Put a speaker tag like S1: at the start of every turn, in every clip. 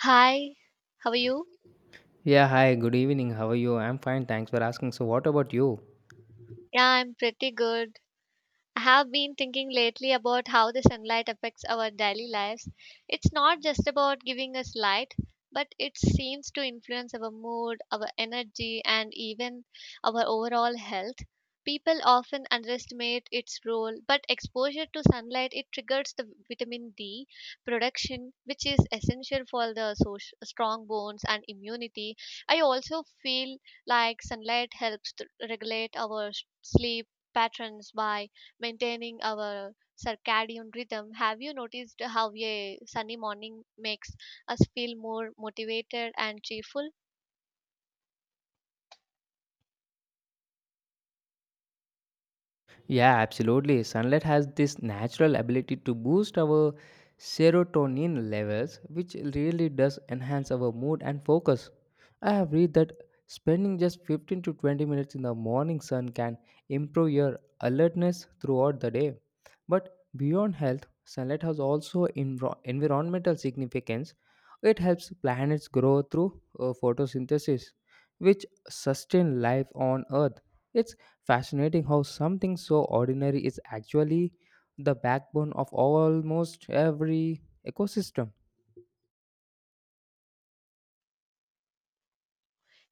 S1: Hi, how are you?
S2: Yeah, hi, good evening. How are you? I'm fine, thanks for asking. So, what about you?
S1: Yeah, I'm pretty good. I have been thinking lately about how the sunlight affects our daily lives. It's not just about giving us light, but it seems to influence our mood, our energy, and even our overall health. People often underestimate its role, but exposure to sunlight it triggers the vitamin D production, which is essential for the strong bones and immunity. I also feel like sunlight helps to regulate our sleep patterns by maintaining our circadian rhythm. Have you noticed how a sunny morning makes us feel more motivated and cheerful?
S2: Yeah, absolutely. Sunlight has this natural ability to boost our serotonin levels, which really does enhance our mood and focus. I have read that spending just 15 to 20 minutes in the morning sun can improve your alertness throughout the day. But beyond health, sunlight has also environmental significance. It helps planets grow through photosynthesis, which sustain life on Earth. It's fascinating how something so ordinary is actually the backbone of almost every ecosystem.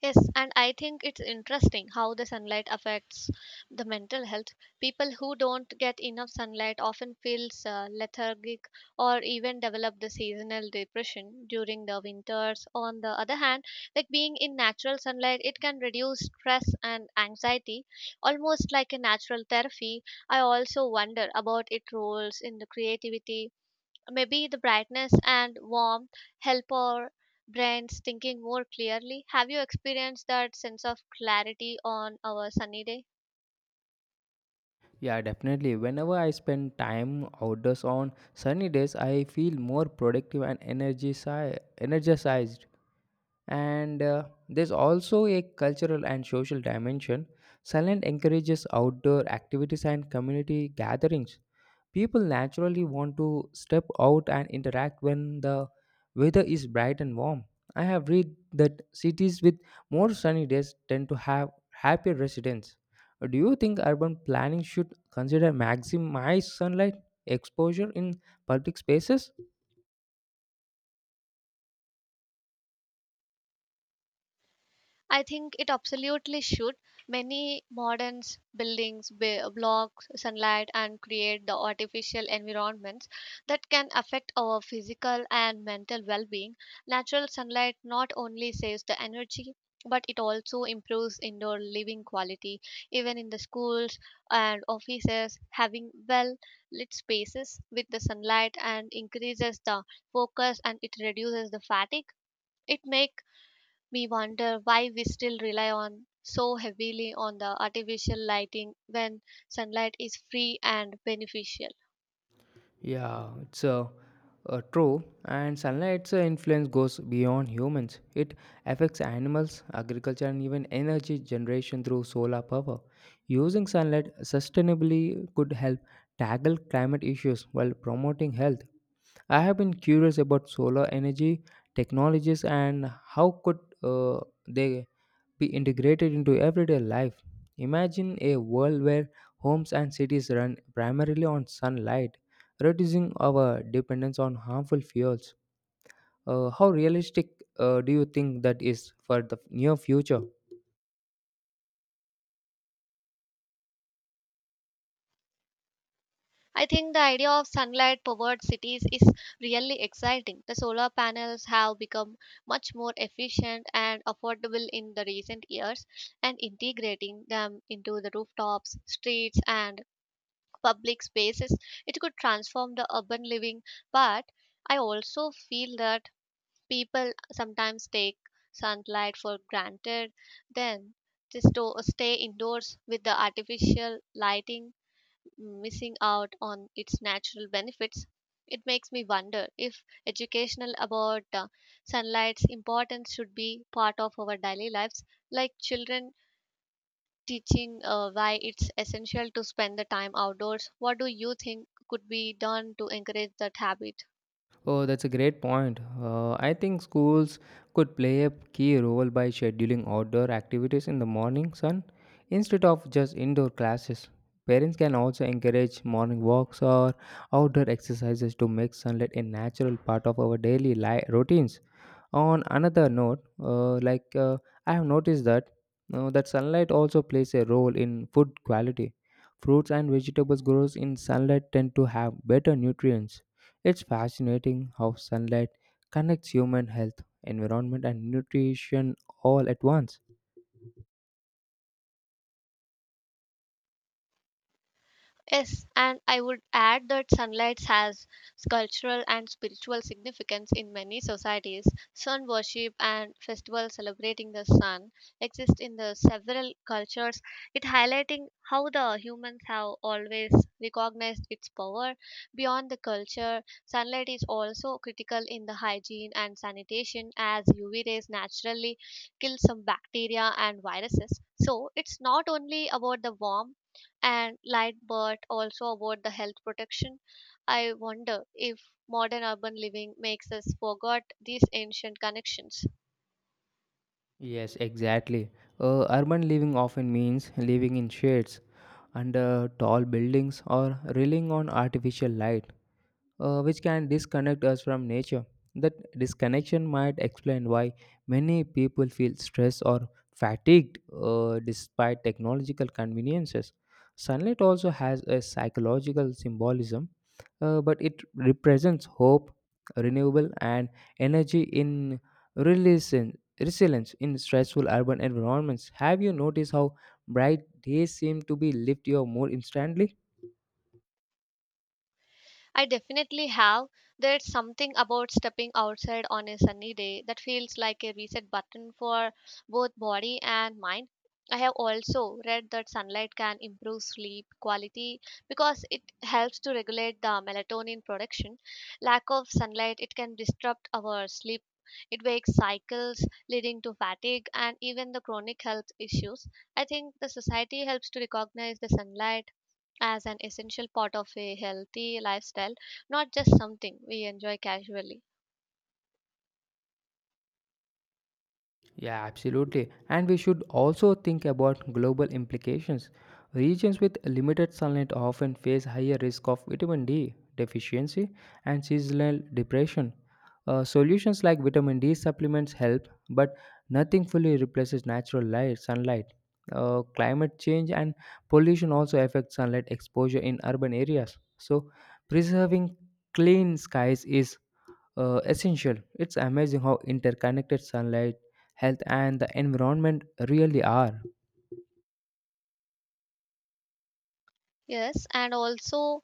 S1: Yes, and I think it's interesting how the sunlight affects the mental health. People who don't get enough sunlight often feels lethargic or even develop the seasonal depression during the winters. On the other hand, like being in natural sunlight, it can reduce stress and anxiety, almost like a natural therapy. I also wonder about its roles in the creativity. Maybe the brightness and warmth help our brains thinking more clearly. Have you experienced that sense of clarity on our sunny day?
S2: Yeah, definitely. Whenever I spend time outdoors on sunny days, I feel more productive and energy energized. And there's also a cultural and social dimension. Silent encourages outdoor activities and community gatherings. People naturally want to step out and interact when the weather is bright and warm. I have read that cities with more sunny days tend to have happier residents. Do you think urban planning should consider maximize sunlight exposure in public spaces?
S1: I think it absolutely should. Many moderns, buildings, blocks, sunlight, and create the artificial environments that can affect our physical and mental well being. Natural sunlight not only saves the energy, but it also improves indoor living quality. Even in the schools and offices, having well lit spaces with the sunlight and increases the focus and it reduces the fatigue. It makes we wonder why we still rely on so heavily on the artificial lighting when sunlight is free and beneficial.
S2: Yeah, it's true. And sunlight's influence goes beyond humans. It affects animals, agriculture, and even energy generation through solar power. Using sunlight sustainably could help tackle climate issues while promoting health. I have been curious about solar energy technologies and how could they be integrated into everyday life. Imagine a world where homes and cities run primarily on sunlight, reducing our dependence on harmful fuels. How realistic do you think that is for the near future?
S1: I think the idea of sunlight powered cities is really exciting. The solar panels have become much more efficient and affordable in the recent years, and integrating them into the rooftops, streets, and public spaces, it could transform the urban living. But I also feel that people sometimes take sunlight for granted, then they stay indoors with the artificial lighting, missing out on its natural benefits. It makes me wonder if educational about sunlight's importance should be part of our daily lives, like children teaching why it's essential to spend the time outdoors. What do you think could be done to encourage that habit?
S2: Oh, that's a great point. I think schools could play a key role by scheduling outdoor activities in the morning sun instead of just indoor classes. Parents can also encourage morning walks or outdoor exercises to make sunlight a natural part of our routines. On another note, like I have noticed that that sunlight also plays a role in food quality. Fruits and vegetables grows in sunlight tend to have better nutrients. It's fascinating how sunlight connects human health, environment, and nutrition all at once.
S1: Yes, and I would add that sunlight has cultural and spiritual significance in many societies. Sun worship and festivals celebrating the sun exist in the several cultures, it highlighting how the humans have always recognized its power beyond the culture. Sunlight is also critical in the hygiene and sanitation as UV rays naturally kill some bacteria and viruses. So, it's not only about the warmth and light but also about the health protection. I wonder if modern urban living makes us forget these ancient connections.
S2: Yes, exactly. Urban living often means living in shades, under tall buildings, or relying on artificial light, which can disconnect us from nature. That disconnection might explain why many people feel stressed or fatigued, despite technological conveniences. Sunlight also has a psychological symbolism, but it represents hope, renewable, and energy in resilience in stressful urban environments. Have you noticed how bright days seem to be lift you more instantly.
S1: I definitely have. There's something about stepping outside on a sunny day that feels like a reset button for both body and mind. I have also read that sunlight can improve sleep quality because it helps to regulate the melatonin production. Lack of sunlight it can disrupt our sleep. It wakes cycles leading to fatigue and even the chronic health issues. I think the society helps to recognize the sunlight as an essential part of a healthy lifestyle, not just something we enjoy casually.
S2: Yeah, absolutely. And we should also think about global implications. Regions with limited sunlight often face higher risk of vitamin D deficiency and seasonal depression. Solutions like vitamin D supplements help, but nothing fully replaces natural light, sunlight. Climate change and pollution also affect sunlight exposure in urban areas. So, preserving clean skies is essential. It's amazing how interconnected sunlight, health, and the environment really are.
S1: Yes, and also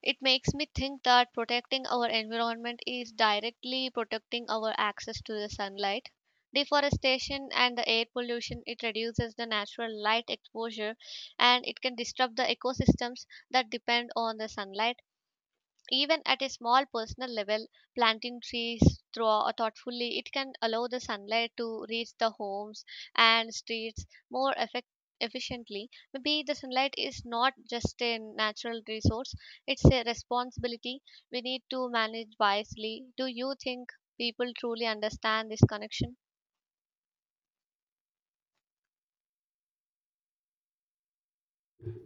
S1: it makes me think that protecting our environment is directly protecting our access to the sunlight. Deforestation and the air pollution it reduces the natural light exposure and it can disrupt the ecosystems that depend on the sunlight. Even at a small personal level, planting trees thoughtfully, it can allow the sunlight to reach the homes and streets more efficiently. Maybe the sunlight is not just a natural resource, it's a responsibility we need to manage wisely. Do you think people truly understand this connection?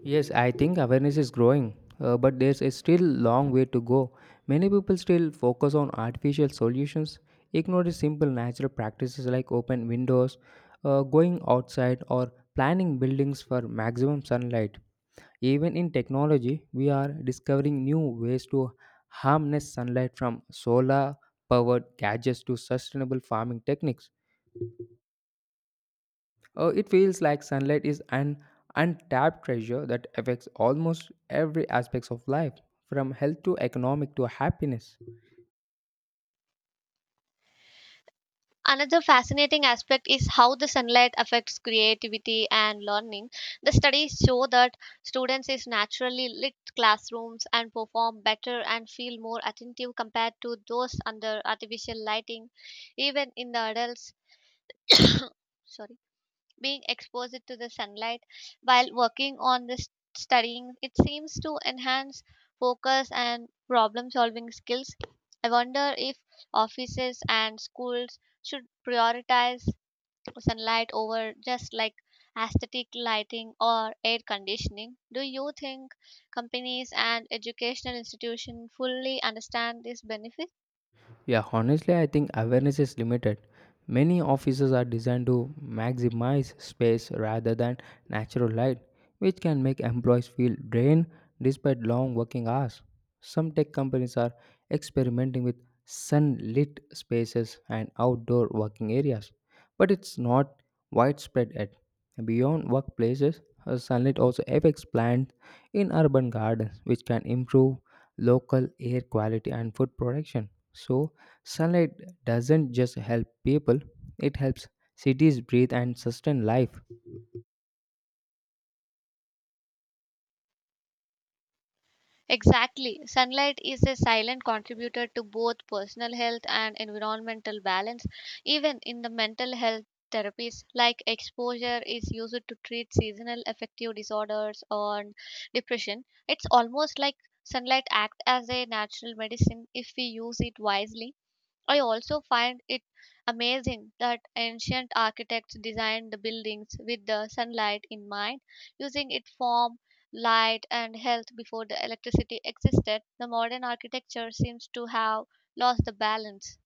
S2: Yes, I think awareness is growing, but there's a still long way to go. Many people still focus on artificial solutions, ignore the simple natural practices like open windows, going outside, or planning buildings for maximum sunlight. Even in technology, we are discovering new ways to harness sunlight from solar powered gadgets to sustainable farming techniques. It feels like sunlight is an untapped treasure that affects almost every aspect of life, from health to economic to happiness.
S1: Another fascinating aspect is how the sunlight affects creativity and learning. The studies show that students in naturally lit classrooms and perform better and feel more attentive compared to those under artificial lighting. Even in the adults, sorry, being exposed to the sunlight while working on the studying, it seems to enhance focus and problem solving skills. I wonder if offices and schools should prioritize sunlight over just like aesthetic lighting or air conditioning. Do you think companies and educational institutions fully understand this benefit?
S2: Yeah, honestly, I think awareness is limited. Many offices are designed to maximize space rather than natural light, which can make employees feel drained despite long working hours. Some tech companies are experimenting with sunlit spaces and outdoor working areas, but it's not widespread yet. Beyond workplaces, sunlight also affects plants in urban gardens, which can improve local air quality and food production. So, sunlight doesn't just help people, it helps cities breathe and sustain life.
S1: Exactly. Sunlight is a silent contributor to both personal health and environmental balance, even in the mental health therapies like exposure is used to treat seasonal affective disorders or depression. It's almost like sunlight act as a natural medicine if we use it wisely. I also find it amazing that ancient architects designed the buildings with the sunlight in mind, using its form, light, and health before the electricity existed. The modern architecture seems to have lost the balance.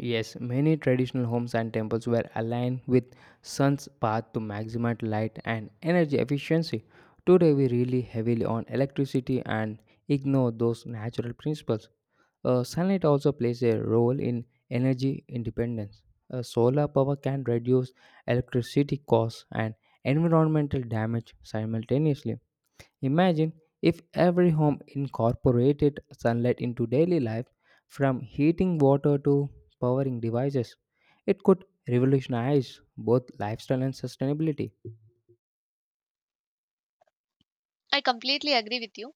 S2: Yes, many traditional homes and temples were aligned with sun's path to maximize light and energy efficiency. Today we rely heavily on electricity and ignore those natural principles. Sunlight also plays a role in energy independence. Solar power can reduce electricity costs and environmental damage simultaneously. Imagine if every home incorporated sunlight into daily life, from heating water to powering devices. It could revolutionize both lifestyle and sustainability.
S1: I completely agree with you.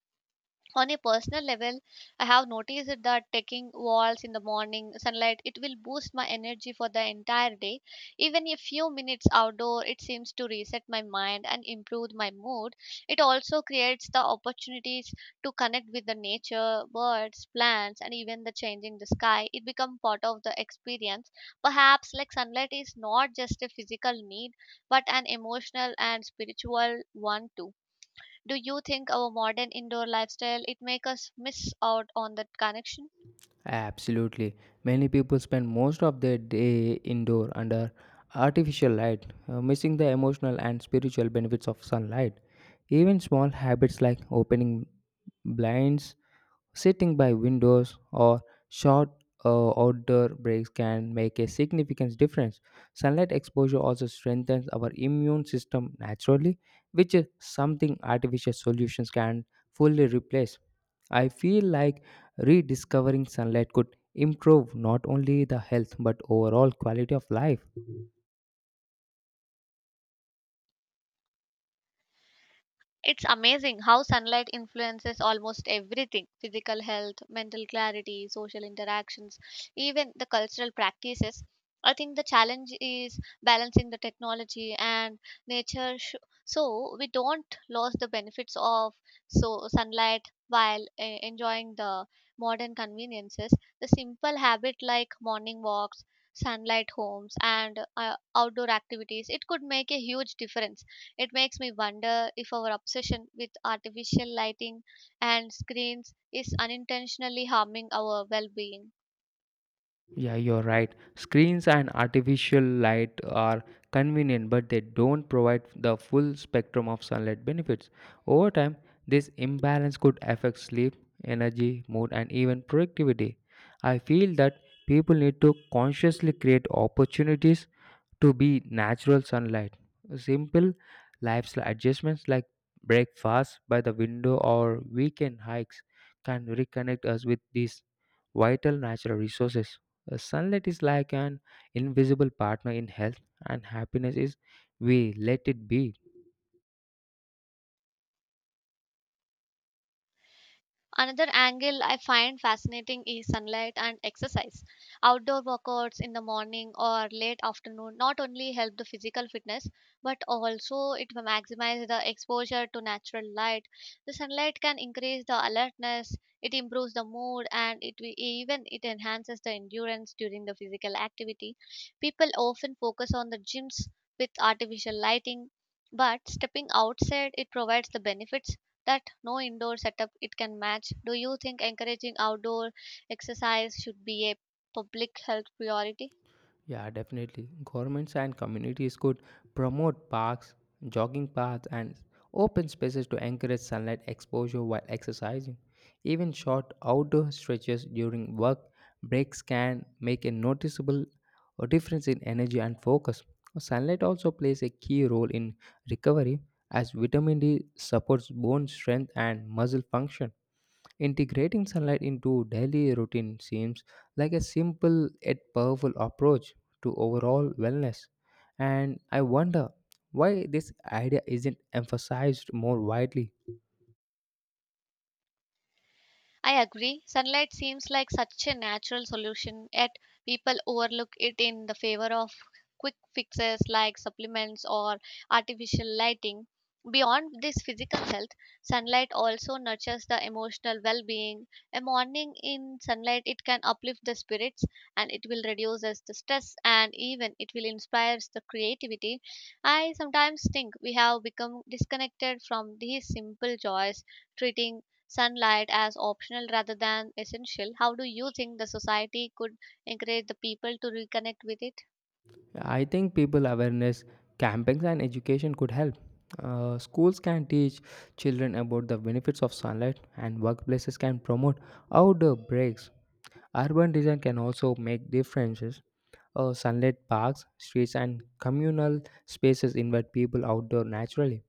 S1: On a personal level, I have noticed that taking walks in the morning sunlight it will boost my energy for the entire day. Even a few minutes outdoor it seems to reset my mind and improve my mood. It also creates the opportunities to connect with the nature, birds, plants, and even the changing the sky, it becomes part of the experience. Perhaps like sunlight is not just a physical need, but an emotional and spiritual one too. Do you think our modern indoor lifestyle it make us miss out on that connection?
S2: Absolutely. Many people spend most of their day indoor under artificial light, missing the emotional and spiritual benefits of sunlight. Even small habits like opening blinds, sitting by windows, or short, outdoor breaks can make a significant difference. Sunlight exposure also strengthens our immune system naturally, which is something artificial solutions can fully replace. I feel like rediscovering sunlight could improve not only the health but overall quality of life.
S1: It's amazing how sunlight influences almost everything physical health, mental clarity, social interactions, even the cultural practices. I think the challenge is balancing the technology and nature so we don't lose the benefits of so sunlight while enjoying the modern conveniences. The simple habit like morning walks, sunlight homes, and outdoor activities, it could make a huge difference. It makes me wonder if our obsession with artificial lighting and screens is unintentionally harming our well being.
S2: Yeah, you're right. Screens and artificial light are convenient, but they don't provide the full spectrum of sunlight benefits. Over time, this imbalance could affect sleep, energy, mood, and even productivity. I feel that people need to consciously create opportunities to be natural sunlight. Simple lifestyle adjustments like breakfast by the window or weekend hikes can reconnect us with these vital natural resources. Sunlight is like an invisible partner in health, and happiness is we let it be.
S1: Another angle I find fascinating is sunlight and exercise. Outdoor workouts in the morning or late afternoon not only help the physical fitness but also it maximizes the exposure to natural light. The sunlight can increase the alertness, it improves the mood and even it enhances the endurance during the physical activity. People often focus on the gyms with artificial lighting but stepping outside it provides the benefits that no indoor setup it can match. Do you think encouraging outdoor exercise should be a public health priority?
S2: Yeah, definitely. Governments and communities could promote parks, jogging paths, and open spaces to encourage sunlight exposure while exercising. Even short outdoor stretches during work breaks can make a noticeable, difference in energy and focus. Sunlight also plays a key role in recovery as vitamin D supports bone strength and muscle function. Integrating sunlight into daily routine seems like a simple yet powerful approach to overall wellness. And I wonder why this idea isn't emphasized more widely.
S1: I agree. Sunlight seems like such a natural solution, yet people overlook it in the favor of quick fixes like supplements or artificial lighting. Beyond this physical health, sunlight also nurtures the emotional well being. A morning in sunlight, it can uplift the spirits and it will reduce us the stress and even it will inspire the creativity. I sometimes think we have become disconnected from these simple joys, treating sunlight as optional rather than essential. How do you think the society could encourage the people to reconnect with it?
S2: I think people awareness campings and education could help. Schools can teach children about the benefits of sunlight, and workplaces can promote outdoor breaks. Urban design can also make differences. Sunlit parks, streets, and communal spaces invite people outdoor naturally.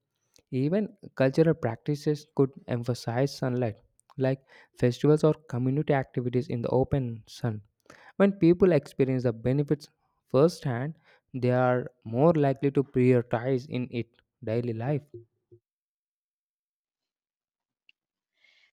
S2: Even cultural practices could emphasize sunlight, like festivals or community activities in the open sun. When people experience the benefits firsthand, they are more likely to prioritize in it daily life.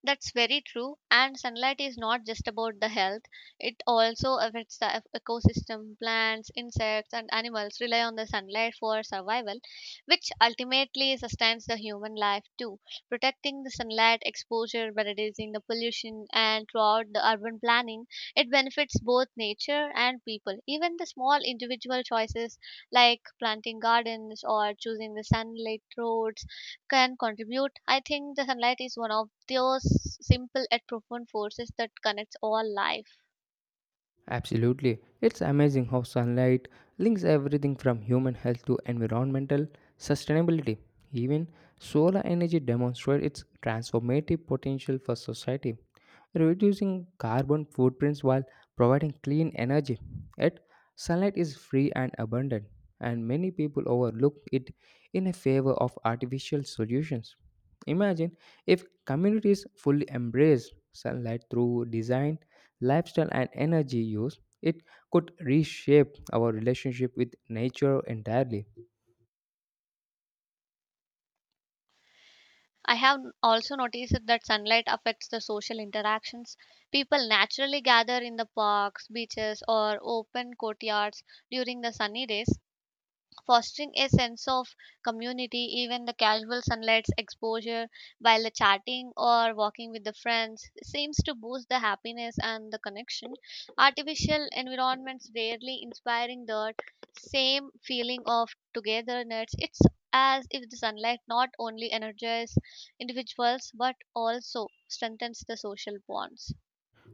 S1: That's very true. And sunlight is not just about the health, it also affects the ecosystem. Plants, insects, and animals rely on the sunlight for survival, which ultimately sustains the human life too. Protecting the sunlight exposure by reducing the pollution and throughout the urban planning, it benefits both nature and people. Even the small individual choices like planting gardens or choosing the sunlit roads can contribute. I think the sunlight is one of those simple yet profound forces that connects all life.
S2: Absolutely. It's amazing how sunlight links everything from human health to environmental sustainability. Even solar energy demonstrates its transformative potential for society, reducing carbon footprints while providing clean energy. Yet, sunlight is free and abundant, and many people overlook it in a favor of artificial solutions. Imagine if communities fully embraced sunlight through design lifestyle, and energy use, it could reshape our relationship with nature entirely.
S1: I have also noticed that sunlight affects the social interactions. People naturally gather in the parks, beaches, or open courtyards during the sunny days, fostering a sense of community. Even the casual sunlight's exposure while the chatting or walking with the friends seems to boost the happiness and the connection. Artificial environments rarely inspiring that same feeling of togetherness. It's as if the sunlight not only energizes individuals but also strengthens the social bonds.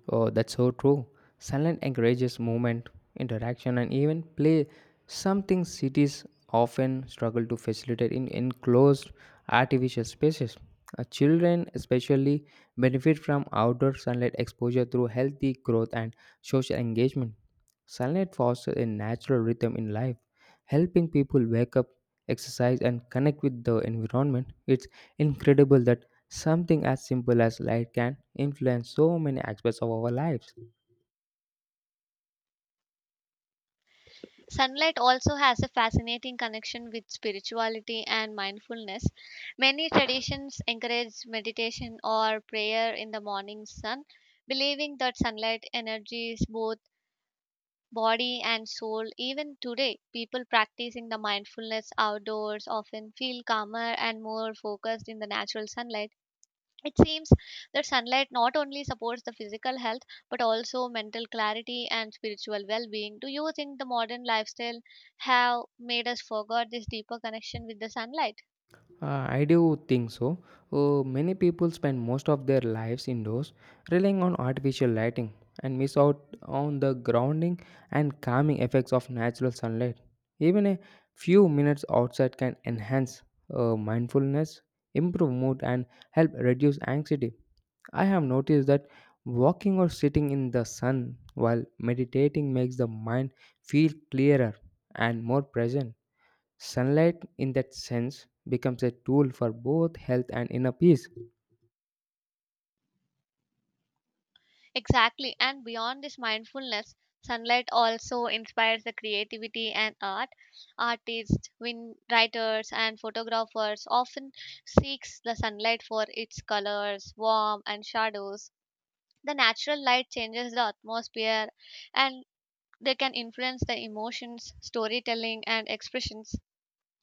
S2: Oh, that's so true. Sunlight encourages movement, interaction, and even play, something cities often struggle to facilitate in enclosed artificial spaces. Children, especially, benefit from outdoor sunlight exposure through healthy growth and social engagement. Sunlight fosters a natural rhythm in life, helping people wake up, exercise, and connect with the environment. It's incredible that something as simple as light can influence so many aspects of our lives.
S1: Sunlight also has a fascinating connection with spirituality and mindfulness. Many traditions encourage meditation or prayer in the morning sun, believing that sunlight energies both body and soul. Even today, people practicing the mindfulness outdoors often feel calmer and more focused in the natural sunlight. It seems that sunlight not only supports the physical health but also mental clarity and spiritual well being. Do you think the modern lifestyle have made us forget this deeper connection with the sunlight?
S2: I do think so. Many people spend most of their lives indoors, relying on artificial lighting, and miss out on the grounding and calming effects of natural sunlight. Even a few minutes outside can enhance, mindfulness, improve mood, and help reduce anxiety. I have noticed that walking or sitting in the sun while meditating makes the mind feel clearer and more present. Sunlight, in that sense, becomes a tool for both health and inner peace.
S1: Exactly. And beyond this mindfulness, sunlight also inspires the creativity and art. Artists, win writers and photographers often seeks the sunlight for its colors, warmth and shadows. The natural light changes the atmosphere and they can influence the emotions, storytelling, and expressions.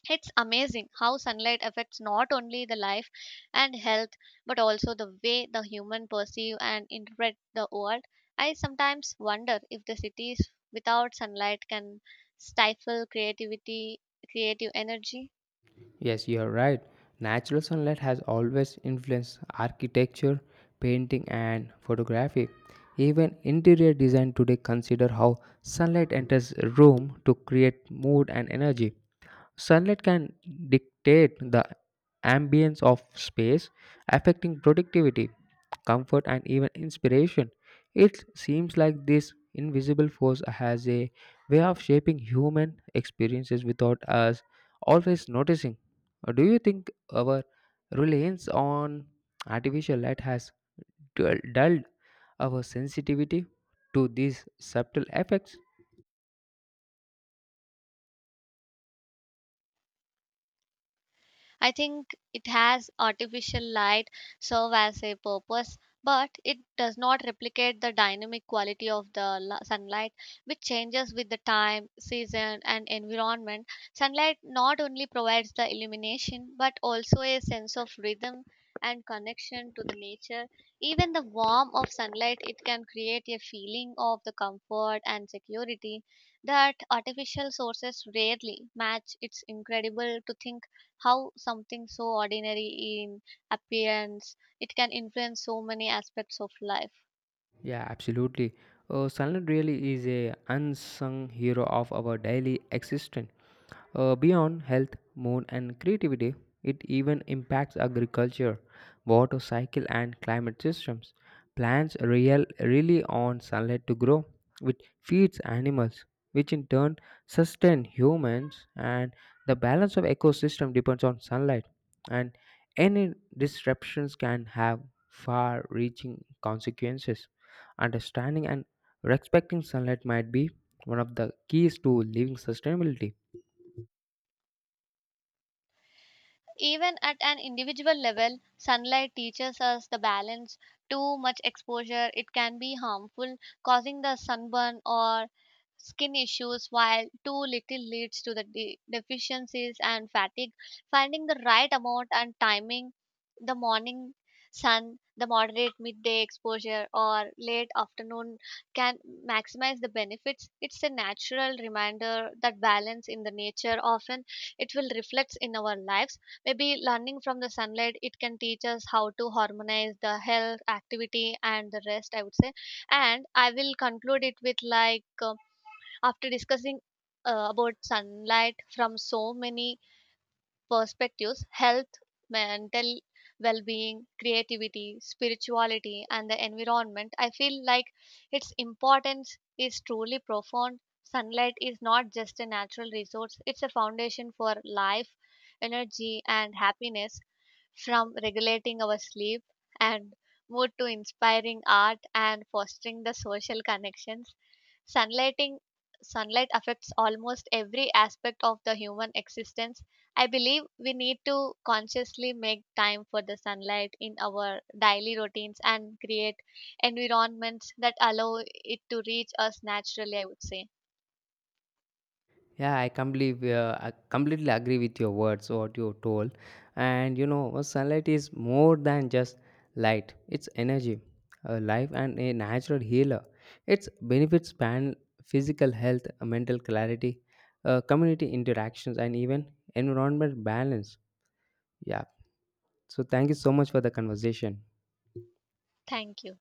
S1: It's amazing how sunlight affects not only the life and health, but also the way the human perceive and interpret the world. I sometimes wonder if the cities without sunlight can stifle creativity, creative energy.
S2: Yes, you are right. Natural sunlight has always influenced architecture, painting, and photography. Even interior design today consider how sunlight enters a room to create mood and energy. Sunlight can dictate the ambience of space, affecting productivity, comfort, and even inspiration. It seems like this invisible force has a way of shaping human experiences without us always noticing. Do you think our reliance on artificial light has dulled our sensitivity to these subtle effects?
S1: I think it has artificial light serve as a purpose, but it does not replicate the dynamic quality of the sunlight, which changes with the time, season, and environment. Sunlight not only provides the illumination, but also a sense of rhythm and connection to the nature. Even the warmth of sunlight, it can create a feeling of the comfort and security that artificial sources rarely match. It's incredible to think how something so ordinary in appearance it can influence so many aspects of life.
S2: Yeah, absolutely. Silent really is a unsung hero of our daily existence. Beyond health, mood, and creativity, it even impacts agriculture, water cycle, and climate systems. Rely on sunlight to grow, which feeds animals, which in turn sustain humans. And the balance of ecosystem depends on sunlight. And any disruptions can have far-reaching consequences. Understanding and respecting sunlight might be one of the keys to living sustainability.
S1: Even at an individual level, sunlight teaches us the balance. Too much exposure it can be harmful, causing the sunburn or skin issues, while too little leads to the deficiencies and fatigue. Finding the right amount and timing, the morning sun, the moderate midday exposure or late afternoon, can maximize the benefits. It's a natural reminder that balance in the nature often it will reflect in our lives. Maybe learning from the sunlight it can teach us how to harmonize the health, activity, and the rest, I would say. And I will conclude it with like after discussing about sunlight from so many perspectives, health, mental well-being, creativity, spirituality and the environment, I feel like its importance is truly profound. Sunlight is not just a natural resource, it's a foundation for life, energy and happiness, from regulating our sleep and mood to inspiring art and fostering the social connections. Sunlighting Sunlight affects almost every aspect of the human existence. I believe we need to consciously make time for the sunlight in our daily routines and create environments that allow it to reach us naturally, I would say.
S2: Yeah, I completely agree with your words, what you told. And you know, sunlight is more than just light, it's energy, a life, and a natural healer. Its benefits span physical health, mental clarity, community interactions, and even environment balance. Yeah. So, thank you so much for the conversation.
S1: Thank you.